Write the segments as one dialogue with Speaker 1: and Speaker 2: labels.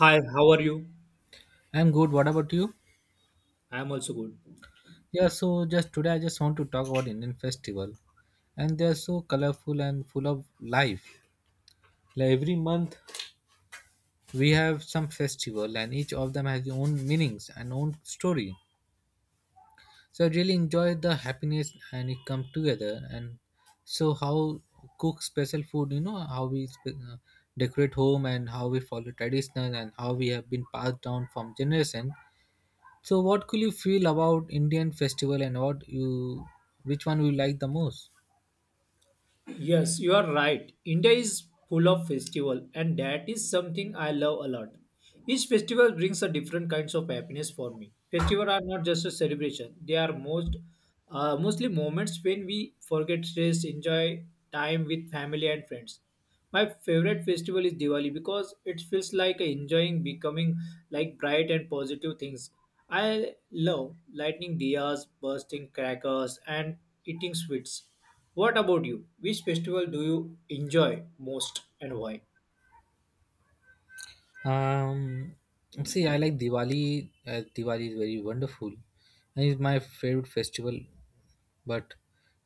Speaker 1: Hi, how are you?
Speaker 2: I'm good. What about you?
Speaker 1: I am also good.
Speaker 2: Yeah, so just today I just want to talk about Indian festival. And they are so colorful and full of life. Like every month we have some festival and each of them has their own meanings and own story. So I really enjoy the happiness and it come together and so how cook special food, how we decorate home and how we follow traditional and how we have been passed down from generation. So, what could you feel about Indian festival and what you, which one you like the most?
Speaker 1: Yes, you are right. India is full of festival and that is something I love a lot. Each festival brings a different kinds of happiness for me. Festival are not just a celebration. They are mostly moments when we forget stress, enjoy time with family and friends. My favorite festival is Diwali because it feels like enjoying becoming like bright and positive things. I love lighting diyas, bursting crackers, and eating sweets. What about you? Which festival do you enjoy most and why?
Speaker 2: Um, See, I like Diwali. As Diwali is very wonderful, and it's my favorite festival. But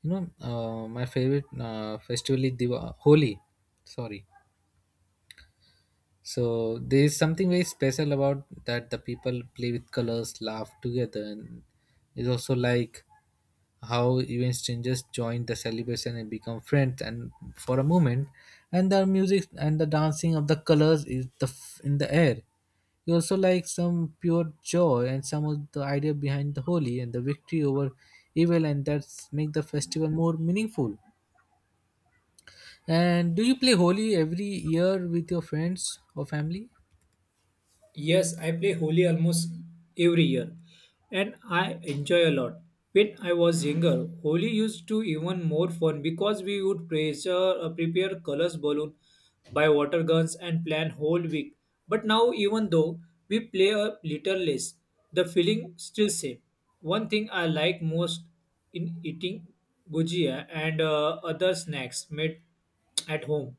Speaker 2: my favorite festival is Holi. Sorry. So there is something very special about that the people play with colors, laugh together, and it's also like how even strangers join the celebration and become friends and for a moment and the music and the dancing of the colors is the in the air. You also like some pure joy and some of the idea behind the holy and the victory over evil, and that's make the festival more meaningful. And do you play holy every year with your friends or family?
Speaker 1: Yes, I play Holi almost every year and I enjoy a lot. When I was younger, Holi used to even more fun because we would prepare colors balloon, buy water guns and plan whole week. But now even though we play a little less, the feeling still same. One thing I like most in eating gujia and other snacks made at home.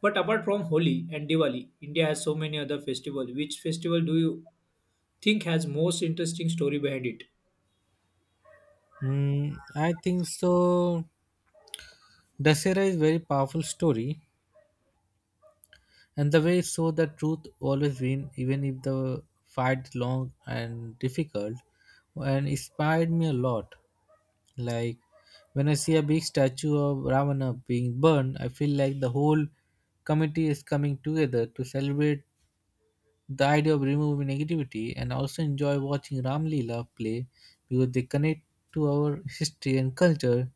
Speaker 1: But apart from Holi and Diwali, India has so many other festivals. Which festival do you think has most interesting story behind it?
Speaker 2: Mm, I think so. Dasera is very powerful story, and the way it shows the truth always win, even if the fight is long and difficult, and inspired me a lot. Like when I see a big statue of Ravana being burned, I feel like the whole committee is coming together to celebrate the idea of removing negativity, and also enjoy watching Ram Leela play because they connect to our history and culture.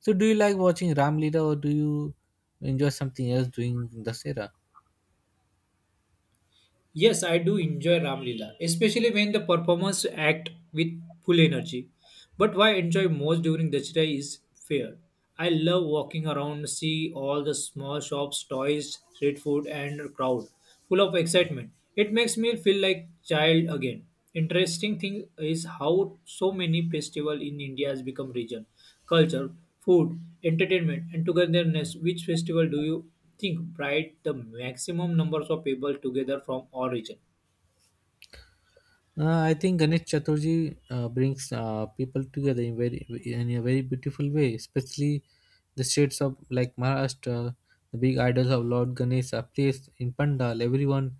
Speaker 2: So do you like watching Ram Leela or do you enjoy something else during in the era?
Speaker 1: Yes, I do enjoy Ramlila, especially when the performers act with full energy. But what I enjoy most during Dashera is fair. I love walking around, see all the small shops, toys, street food, and crowd full of excitement. It makes me feel like child again. Interesting thing is how so many festival in India has become region culture, food, entertainment, and togetherness. Which festival do you think brought the maximum numbers of people together from all region?
Speaker 2: I think Ganesh Chaturthi brings people together in very in a very beautiful way, especially the states of like Maharashtra. The big idols of Lord Ganesh are placed in pandal. Everyone,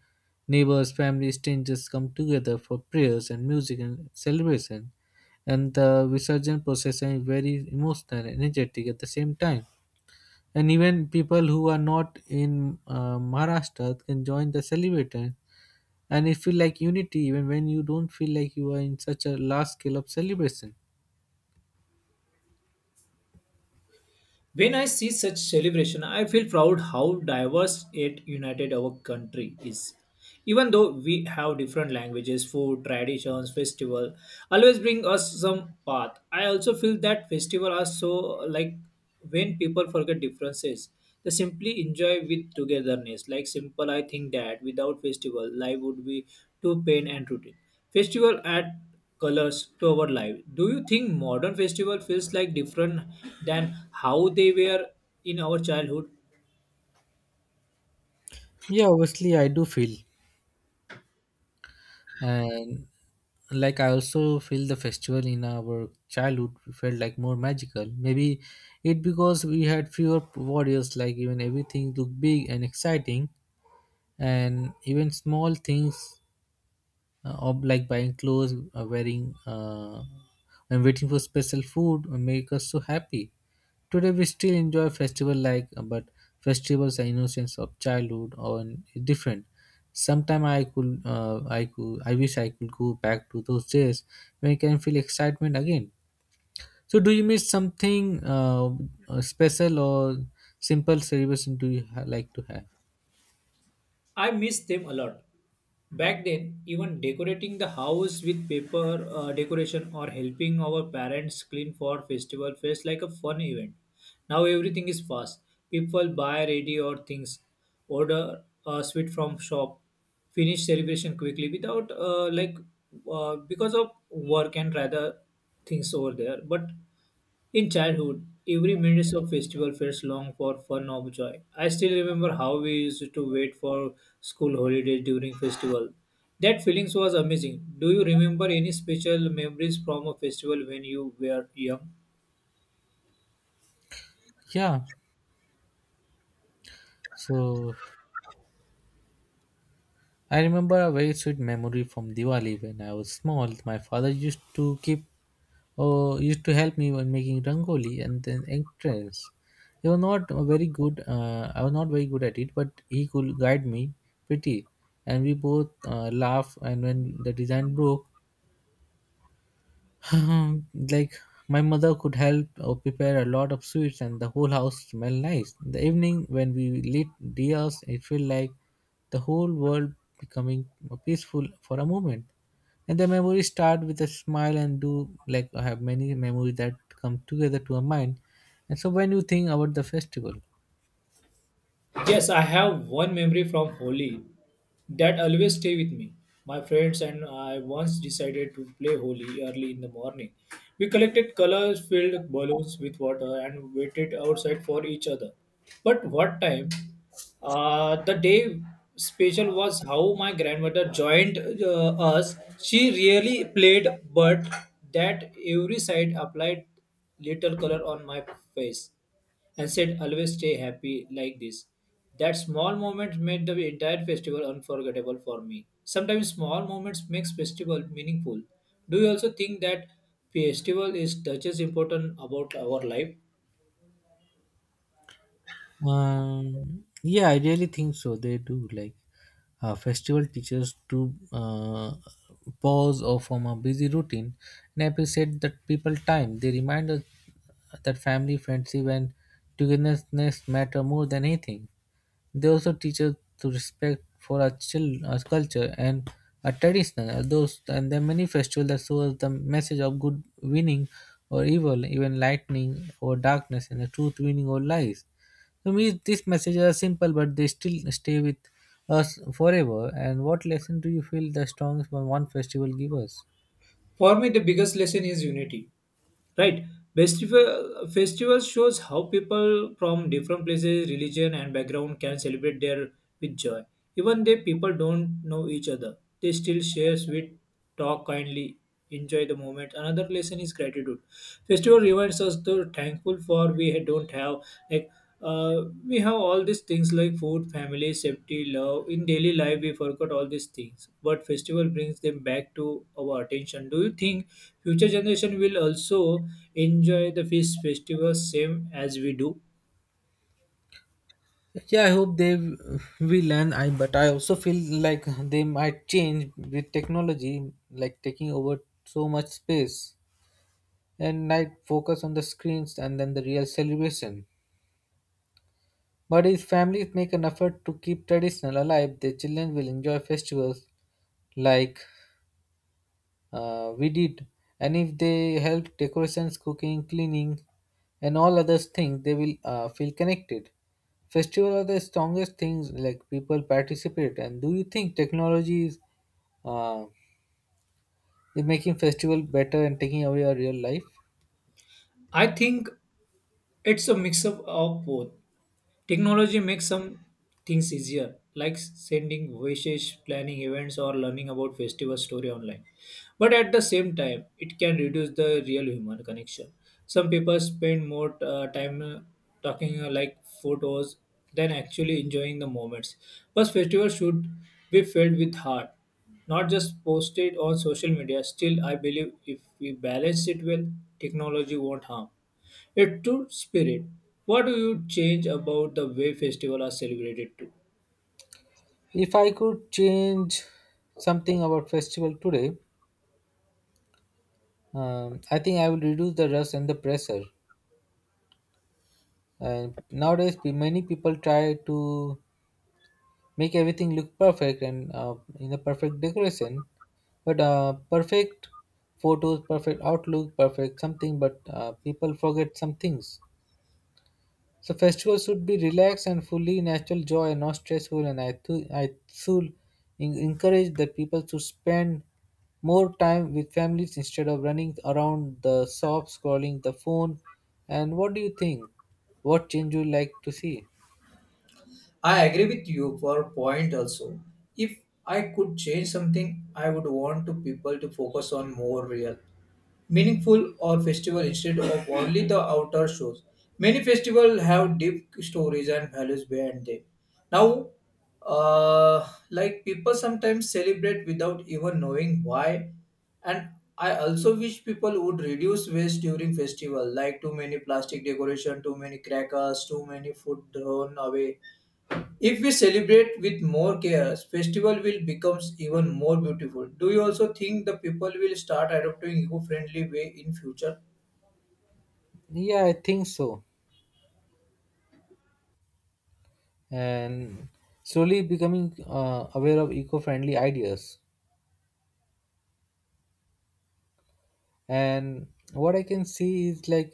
Speaker 2: neighbors, family, strangers come together for prayers and music and celebration. And the Visarjan procession is very emotional and energetic at the same time. And even people who are not in Maharashtra can join the celebration, and it feel like unity even when you don't feel like you are in such a large scale of celebration.
Speaker 1: When I see such celebration, I feel proud how diverse it united our country is. Even though we have different languages, food, traditions, festival, always bring us some path. I also feel that festival are so like when people forget differences, they simply enjoy with togetherness. Like simple, I think that without festival, life would be too pain and routine. Festival add colors to our life. Do you think modern festival feels like different than how they were in our childhood?
Speaker 2: Yeah, obviously I do feel. And like I also feel the festival in our childhood felt like more magical, maybe it because we had fewer warriors, like even everything looked big and exciting. And even small things or like buying clothes wearing and waiting for special food will make us so happy. Today we still enjoy festival like but festivals are innocence of childhood or different. Sometime I could I wish I could go back to those days when I can feel excitement again. So do you miss something special or simple celebration do you like to have?
Speaker 1: I miss them a lot. Back then, even decorating the house with paper decoration or helping our parents clean for festival felt like a fun event. Now everything is fast. People buy ready or things, order a sweet from shop, finish celebration quickly without because of work and rather things over there. But in childhood, every minute of festival felt long for fun or joy. I still remember how we used to wait for school holidays during festival. That feelings was amazing. Do you remember any special memories from a festival when you were young?
Speaker 2: Yeah, so I remember a very sweet memory from Diwali when I was small. My father used to keep or used to help me when making rangoli and then entrance. He was not a very good. I was not very good at it, but he could guide me pretty, and we both laugh. And when the design broke, Um, like my mother could help or prepare a lot of sweets, and the whole house smelled nice in the evening when we lit diyas. It felt like the whole world becoming peaceful for a moment. And the memories start with a smile. And do like I have many memories that come together to a mind. And so when you think about the festival.
Speaker 1: Yes, I have one memory from Holi that always stay with me. My friends and I once decided to play Holi early in the morning. We collected color-filled balloons with water and waited outside for each other. But what time? The day special was how my grandmother joined us. She really played, but that every side applied little color on my face and said, always stay happy like this. That small moment made the entire festival unforgettable for me. Sometimes small moments makes festival meaningful. Do you also think that festival is touches important about our life?
Speaker 2: Yeah, I really think so. They do like festival teachers to pause or from a busy routine and appreciate that people time. They remind us that family, friendship, and togetherness matter more than anything. They also teach us to respect for our, our culture and our tradition. Those and there are many festivals that show us the message of good winning or evil, even lightning or darkness, and the truth winning or lies. To me, these messages are simple, but they still stay with us forever. And what lesson do you feel the strongest one festival give us?
Speaker 1: For me, the biggest lesson is unity. Right, festivals shows how people from different places religion and background can celebrate their with joy. Even though people don't know each other, they still share sweet, talk kindly, enjoy the moment. Another lesson is gratitude. Festival reminds us to thankful for we don't have, like we have all these things like food, family, safety, love. In daily life, we forgot all these things, but festival brings them back to our attention. Do you think future generation will also enjoy the feast festival same as we do?
Speaker 2: Yeah, I hope will, and I but I also feel like they might change with technology, like taking over so much space. And night focus on the screens and then the real celebration. But if families make an effort to keep traditional alive, their children will enjoy festivals like we did. And if they help decorations, cooking, cleaning, and all other things, they will feel connected. Festivals are the strongest things like people participate. And do you think technology uh, is making festival better and taking away our real life?
Speaker 1: I think it's a mix up of both. Technology makes some things easier, like sending voices, planning events, or learning about festival story online. But at the same time, it can reduce the real human connection. Some people spend more time talking like photos than actually enjoying the moments. But festival should be filled with heart, not just posted on social media. Still, I believe if we balance it well, technology won't harm. It to spirit. What do you change about the way festivals are celebrated too?
Speaker 2: If I could change something about festival today, I think I will reduce the rush and the pressure. And nowadays, many people try to make everything look perfect and in a perfect decoration, but perfect photos, perfect outlook, perfect something. But people forget some things. So festivals should be relaxed and fully natural joy, not stressful. And I should encourage the people to spend more time with families instead of running around the shop scrolling the phone. And what do you think? What change you like to see?
Speaker 1: I agree with you for a point also. If I could change something, I would want to people to focus on more real meaningful or festival instead of only the outer shows. Many festivals have deep stories and values behind them. Now, like people sometimes celebrate without even knowing why, and I also wish people would reduce waste during festival, like too many plastic decoration, too many crackers, too many food thrown away. If we celebrate with more care, festival will becomes even more beautiful. Do you also think the people will start adopting eco-friendly way in future?
Speaker 2: Yeah, I think so. And slowly becoming aware of eco-friendly ideas. And what I can see is like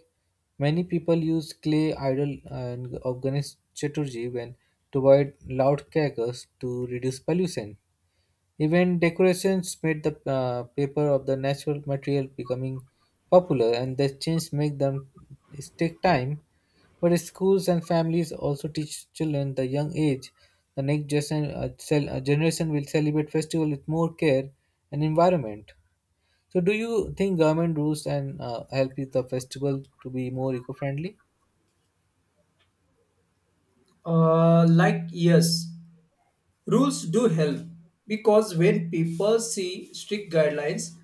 Speaker 2: many people use clay idol and of ganesh chaturji when to avoid loud crackers to reduce pollution. Even decorations made the paper of the natural material becoming popular, and the change make them take time. But schools and families also teach children the young age the next generation, generation will celebrate festival with more care and environment. So, do you think government rules and help with the festival to be more eco-friendly?
Speaker 1: Like yes, rules do help because when people see strict guidelines,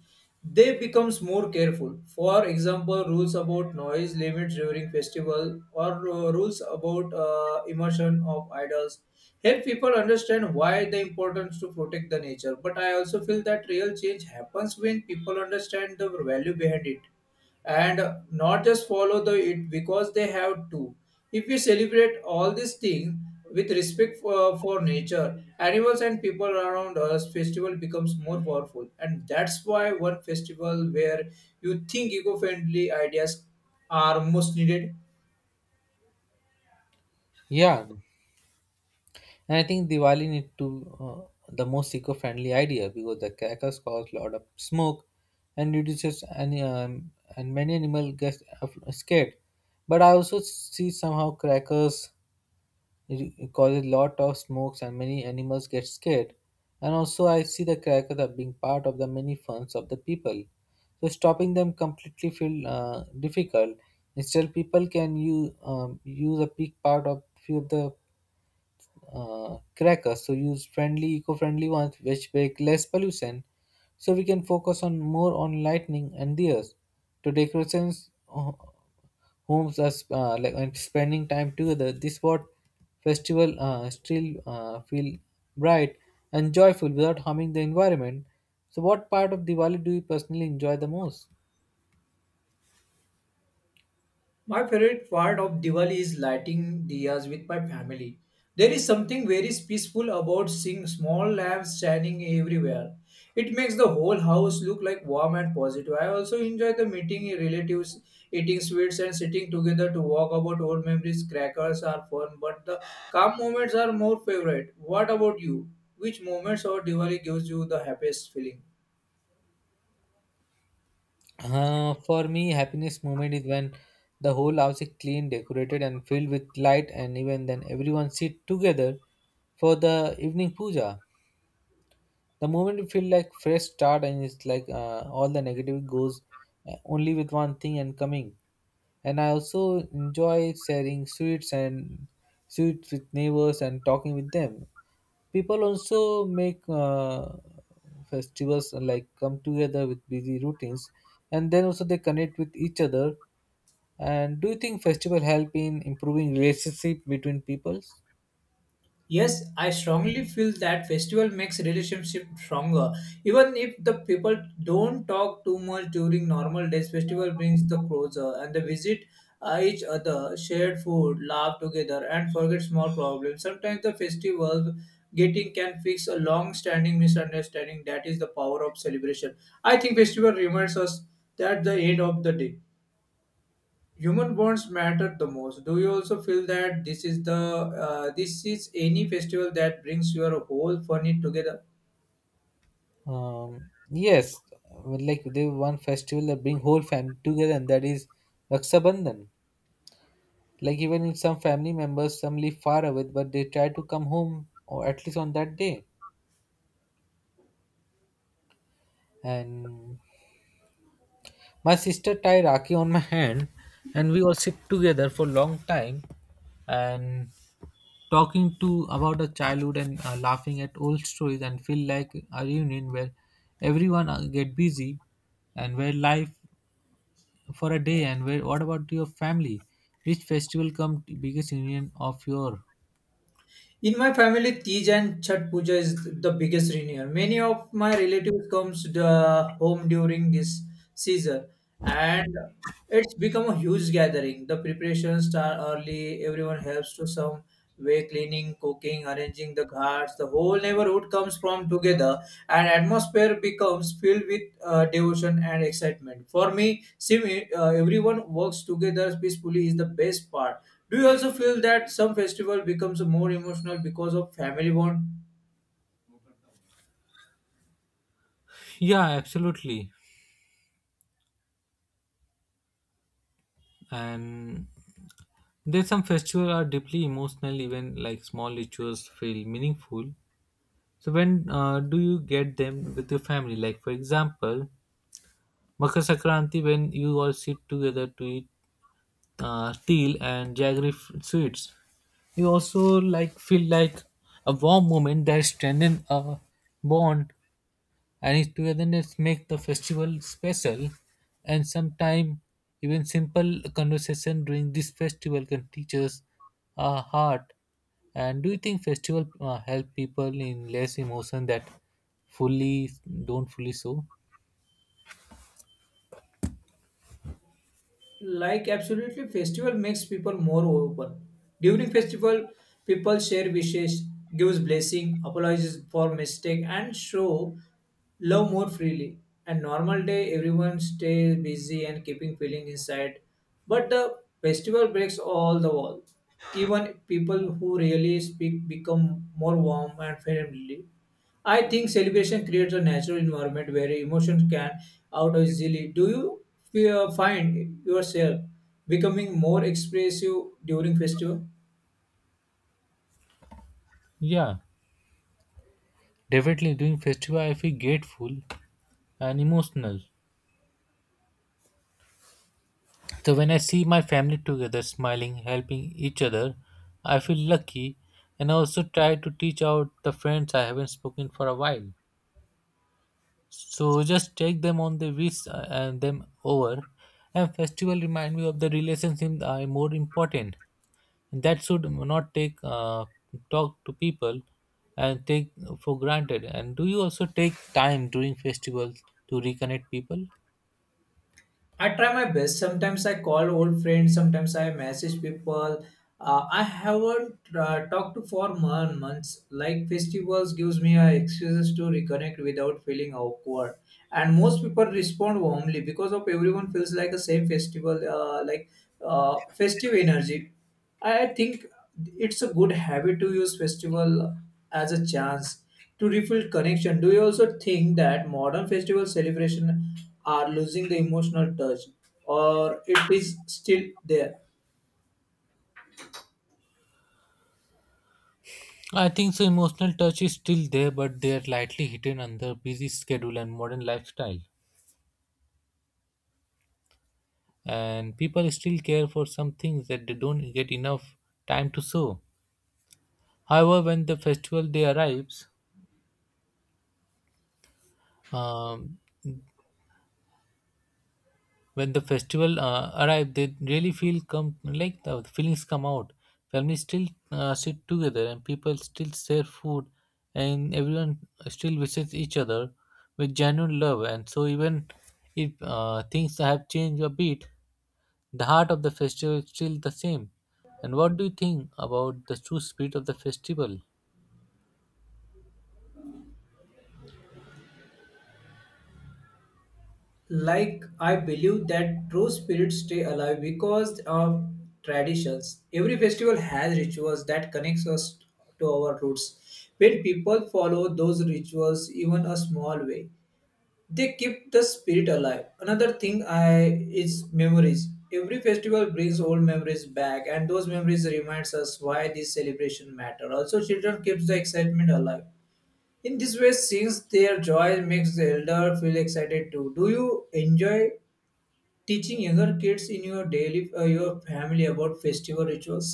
Speaker 1: they becomes more careful. For example, rules about noise limits during festival or rules about immersion of idols help people understand why the importance to protect the nature. But I also feel that real change happens when people understand the value behind it and not just follow the it because they have to. If we celebrate all these things with respect for nature animals and people around us, festival becomes more powerful. And that's why, one festival where you think eco-friendly ideas are most needed?
Speaker 2: Yeah, and I think Diwali need to the most eco-friendly idea because the crackers cause a lot of smoke and reduces any and many animal gets scared. But I also see somehow crackers. It causes lot of smokes and many animals get scared. And also I see the crackers are being part of the many funs of the people. So stopping them completely feel difficult. Instead, people can use use a big part of few of the crackers. So use friendly, eco-friendly ones which make less pollution. So we can focus on more on lightning and the to decorations homes are like and spending time together. This what festival still feel bright and joyful without harming the environment. So, what part of Diwali do you personally enjoy the most?
Speaker 1: My favorite part of Diwali is lighting diyas with my family. There is something very peaceful about seeing small lamps shining everywhere. It makes the whole house look like warm and positive. I also enjoy the meeting relatives, eating sweets and sitting together to talk about old memories. Crackers are fun, but the calm moments are more favorite. What about you? Which moments of Diwali gives you the happiest feeling?
Speaker 2: For me, happiness moment is when the whole house is clean, decorated, and filled with light, and even then everyone sit together for the evening puja. The moment you feel like fresh start, and it's like all the negative goes only with one thing and coming. And I also enjoy sharing sweets and sweets with neighbors and talking with them. People also make festivals like come together with busy routines, and then also they connect with each other. And do you think festival help in improving relationship between peoples?
Speaker 1: Yes, I strongly feel that festival makes relationship stronger. Even if the people don't talk too much during normal days, festival brings the closer and they visit each other, shared food, laugh together, and forget small problems. Sometimes the festival getting can fix a long-standing misunderstanding. That is the power of celebration. I think festival reminds us that the end of the day, human bonds matter the most. Do you also feel that this is any festival that brings your whole family together?
Speaker 2: Yes, like they one festival that bring whole family together, and that is Raksha Bandhan. Like even if some family members, some live far away, but they try to come home or at least on that day. And my sister tied Raki on my hand, and we all sit together for a long time, and talking to about our childhood and laughing at old stories and feel like a reunion where everyone get busy and where life for a day and where what about your family, which festival come biggest union of your.
Speaker 1: In my family, Tej and Chhat Puja is the biggest reunion. Many of my relatives comes the home during this season, and it's become a huge gathering. The preparations start early. Everyone helps to some way cleaning, cooking, arranging the ghats. The whole neighborhood comes from together, and atmosphere becomes filled with devotion and excitement. For me, seeing everyone works together peacefully is the best part. Do you also feel that some festival becomes more emotional because of family bond?
Speaker 2: Yeah, absolutely. And there's some festivals are deeply emotional, even like small rituals feel meaningful. So when do you get them with your family? Like for example, Makar Sakranti, when you all sit together to eat til and jaggery sweets, you also like feel like a warm moment that strengthen a bond, and its togetherness make the festival special. And sometimes even simple conversation during this festival can teach us our heart. And do you think festival help people in less emotion that fully don't fully show?
Speaker 1: Like absolutely, festival makes people more open. During festival, people share wishes, gives blessing, apologizes for mistake, and show love more freely. And normal day, everyone stays busy and keeping feeling inside, but the festival breaks all the walls. Even people who really speak become more warm and friendly. I think celebration creates a natural environment where emotions can out easily. Do you feel, find yourself becoming more expressive during festival?
Speaker 2: Yeah, definitely during festival I feel grateful and emotional. So when I see my family together smiling helping each other, I feel lucky. And I also try to teach out the friends I haven't spoken for a while. So just take them on the wish and them over. And festival remind me of the relationship are more important. And that should not take talk to people and take for granted. And do you also take time during festivals to reconnect people?
Speaker 1: I try my best. Sometimes I call old friends. Sometimes I message people. I haven't talked to for months. Like festivals gives me excuses to reconnect without feeling awkward. And most people respond warmly because of everyone feels like the same festival, festive energy. I think it's a good habit to use festival as a chance to rebuild connection. Do you also think that modern festival celebration are losing the emotional touch or it is still there?
Speaker 2: I think so. Emotional touch is still there, but they are lightly hidden under busy schedule and modern lifestyle. And people still care for some things that they don't get enough time to show. However, when the festival day arrives, um, when the festival arrived, they really feel come like the feelings come out. Families still sit together, and people still share food, and everyone still visits each other with genuine love. And so, even if things have changed a bit, the heart of the festival is still the same. And what do you think about the true spirit of the festival?
Speaker 1: Like I believe that true spirits stay alive because of traditions. Every festival has rituals that connects us to our roots. When people follow those rituals even a small way, they keep the spirit alive. Another thing I is memories. Every festival brings old memories back and those memories reminds us why this celebration matter. Also children keeps the excitement alive in this way since their joy makes the elder feel excited too. Do you enjoy teaching younger kids in your daily your family about festival rituals?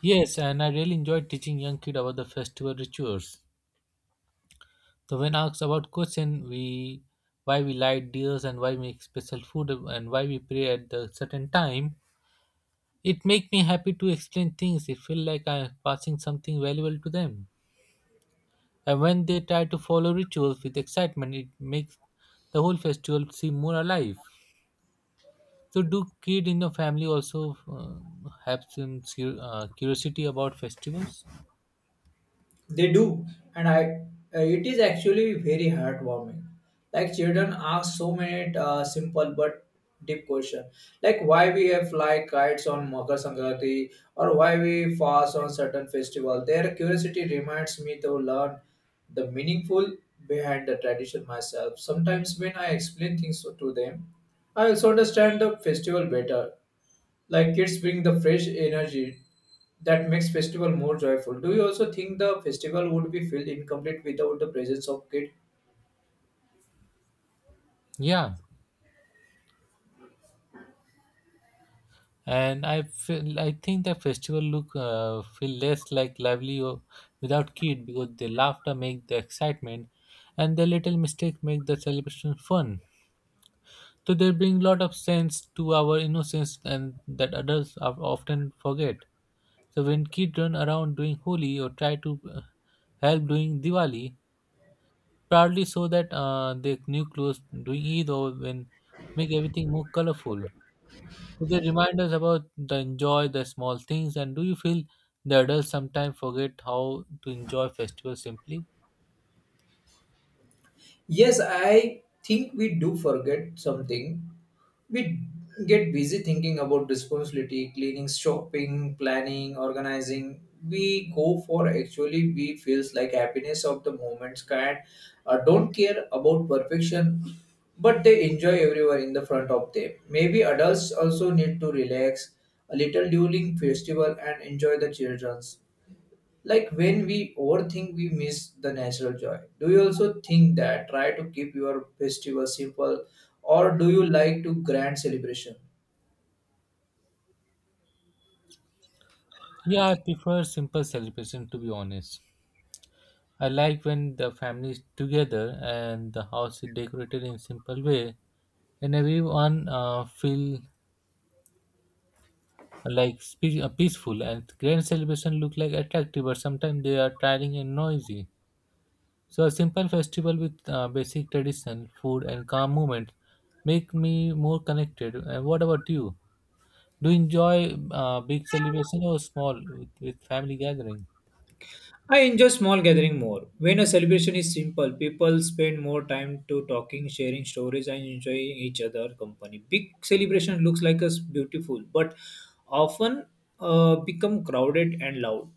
Speaker 2: Yes, and I really enjoyed teaching young kid about the festival rituals. So when asked about question, we why we light dears and why make special food and why we pray at the certain time, it make me happy to explain things. It feel like I am passing something valuable to them. And when they try to follow rituals with excitement, it makes the whole festival seem more alive. So do kid in your family also have some curiosity about festivals?
Speaker 1: They do, and I it is actually very heartwarming. Like children ask so many simple but deep questions, like why we have fly kites on Makar Sankranti or why we fast on certain festival. Their curiosity reminds me to learn the meaningful behind the tradition myself. Sometimes when I explain things to them, I also understand the festival better. Like kids bring the fresh energy that makes festival more joyful. Do you also think the festival would be felt incomplete without the presence of kid?
Speaker 2: Yeah. And I think the festival look feel less like lively or without kid because the laughter make the excitement, and the little mistake make the celebration fun. So they bring lot of sense to our innocence and that adults often forget. So when kids run around doing Holi or try to help doing Diwali, proudly so that their new clothes doing Eid or when make everything more colorful. They remind us about the enjoy the small things, and do you feel the adults sometimes forget how to enjoy festivals simply?
Speaker 1: Yes, I think we do forget something, we get busy thinking about responsibility, cleaning, shopping, planning, organizing. We go for actually we feels like happiness of the moments kind, don't care about perfection, but they enjoy everyone in the front of them. Maybe adults also need to relax a little during festival and enjoy the children's. Like when we overthink we miss the natural joy. Do you also think that try to keep your festival simple or do you like to grand celebration?
Speaker 2: Yeah, I prefer simple celebration to be honest. I like when the family is together and the house is decorated in simple way, and everyone feel like peaceful. And grand celebration look like attractive, but sometimes they are tiring and noisy. So a simple festival with basic tradition, food, and calm moments make me more connected. And what about you? Do you enjoy big celebration or small with family gathering?
Speaker 1: I enjoy small gathering more. When a celebration is simple, people spend more time to talking, sharing stories, and enjoying each other company. Big celebration looks like us beautiful, but often become crowded and loud.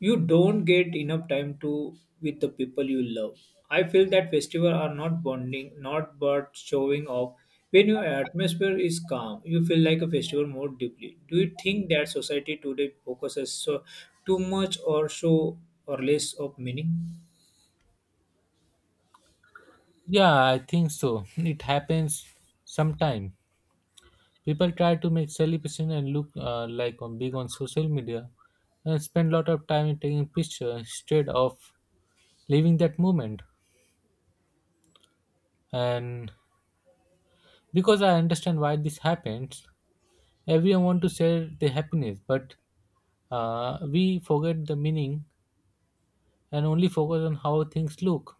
Speaker 1: You don't get enough time to with the people you love. I feel that festival are not bonding, not but showing off. When your atmosphere is calm, you feel like a festival more deeply. Do you think that society today focuses so too much or so or less of meaning?
Speaker 2: Yeah, I think so. It happens sometime. People try to make celebration and look like on big on social media and spend a lot of time in taking picture instead of living that moment. And because I understand why this happens, everyone want to share the happiness, but we forget the meaning and only focus on how things look.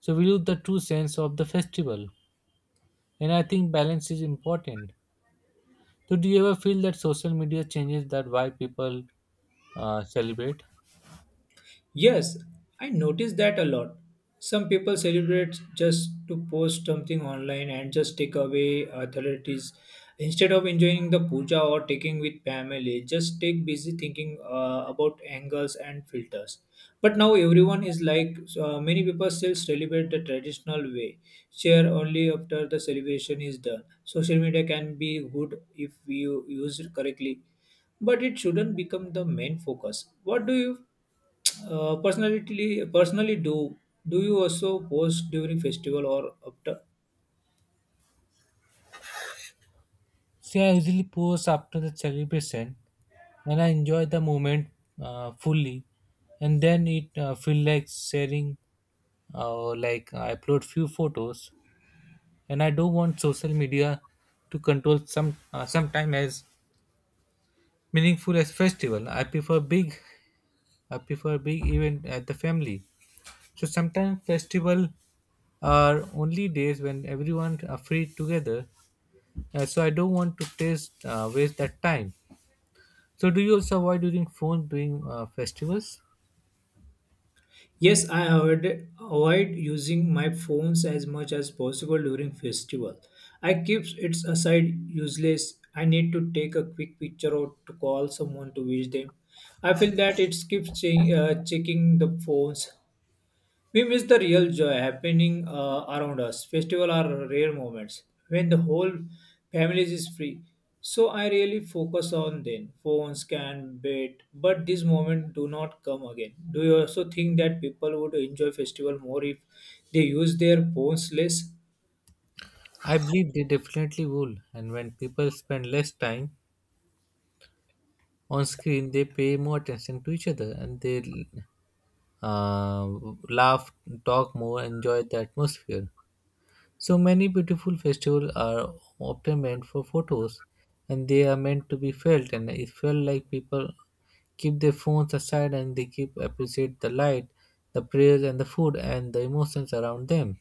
Speaker 2: So we lose the true sense of the festival. And I think balance is important. So do you ever feel that social media changes that why people celebrate?
Speaker 1: Yes, I notice that a lot. Some people celebrate just to post something online and just take away authorities instead of enjoying the puja or taking with family. Just take busy thinking about angles and filters. But now everyone is like so, many people still celebrate the traditional way, share only after the celebration is done. Social media can be good if you used correctly, but it shouldn't become the main focus. What do you personally do? Do you also post during festival or after?
Speaker 2: See, I usually post after the celebration and I enjoy the moment fully. And then it feel like sharing like I upload few photos. And I don't want social media to control some sometime as meaningful as festival. I prefer big. I prefer big event at the family. So sometimes festival are only days when everyone are free together. So I don't want to taste waste that time. So do you also avoid using phone during festivals?
Speaker 1: Yes, I avoid using my phones as much as possible during festival. I keep it aside useless. I need to take a quick picture or to call someone to wish them. I feel that it keeps checking the phones, we miss the real joy happening around us. Festival are rare moments when the whole family is free. So I really focus on then phones can wait, but these moments do not come again. Do you also think that people would enjoy festival more if they use their phones less?
Speaker 2: I believe they definitely will. And when people spend less time on screen, they pay more attention to each other and they uh, laugh, talk more, enjoy the atmosphere. So many beautiful festivals are often meant for photos and they are meant to be felt and it felt like people keep their phones aside and they keep appreciate the light, the prayers and the food and the emotions around them.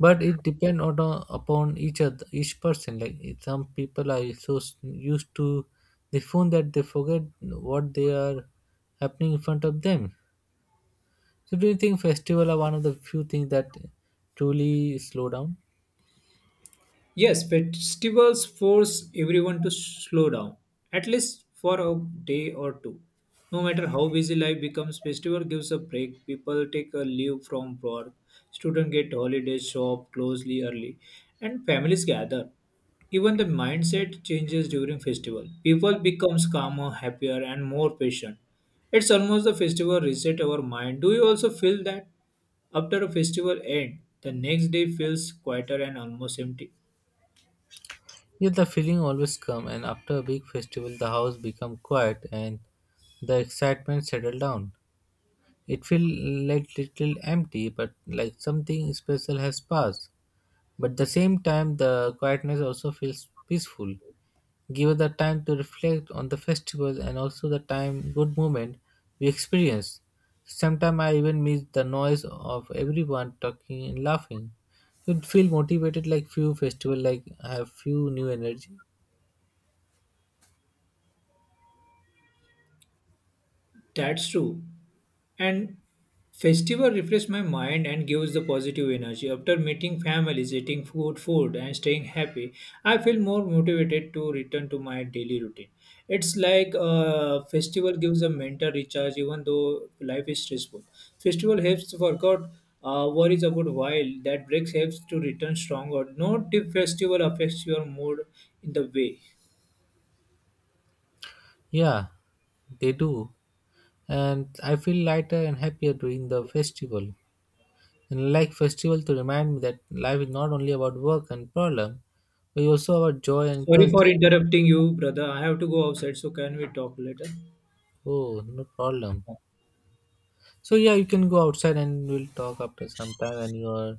Speaker 2: But it depends on upon each other, each person. Like some people are so used to the phone that they forget what they are happening in front of them. So do you think festival are one of the few things that truly slow down?
Speaker 1: Yes, festivals force everyone to slow down, at least for a day or two. No matter how busy life becomes, festival gives a break. People take a leave from work, students get holidays, shop closely early, and families gather. Even the mindset changes during festival. People becomes calmer, happier, and more patient. It's almost the festival reset our mind. Do you also feel that after a festival end, the next day feels quieter and almost empty?
Speaker 2: Yet the feeling always come and after a big festival the house become quiet and the excitement settle down. It feel like little empty but like something special has passed. But at the same time the quietness also feels peaceful. Give us the time to reflect on the festival and also the time good moment we experience. Sometimes I even miss the noise of everyone talking and laughing. You'd feel motivated like few festival like have few new energy.
Speaker 1: That's true. And festival refresh my mind and gives the positive energy. After meeting families, eating food, and staying happy, I feel more motivated to return to my daily routine. It's like a festival gives a mental recharge, even though life is stressful. Festival helps to forget worries about while that breaks helps to return stronger. No tip festival affects your mood in the way.
Speaker 2: Yeah, they do. And I feel lighter and happier during the festival. And like festival to remind me that life is not only about work and problem, but also about joy and
Speaker 1: Sorry for
Speaker 2: culture.
Speaker 1: interrupting you, brother. I have to go outside, so can we talk later?
Speaker 2: Oh, no problem. So yeah, you can go outside and we'll talk after some time and you are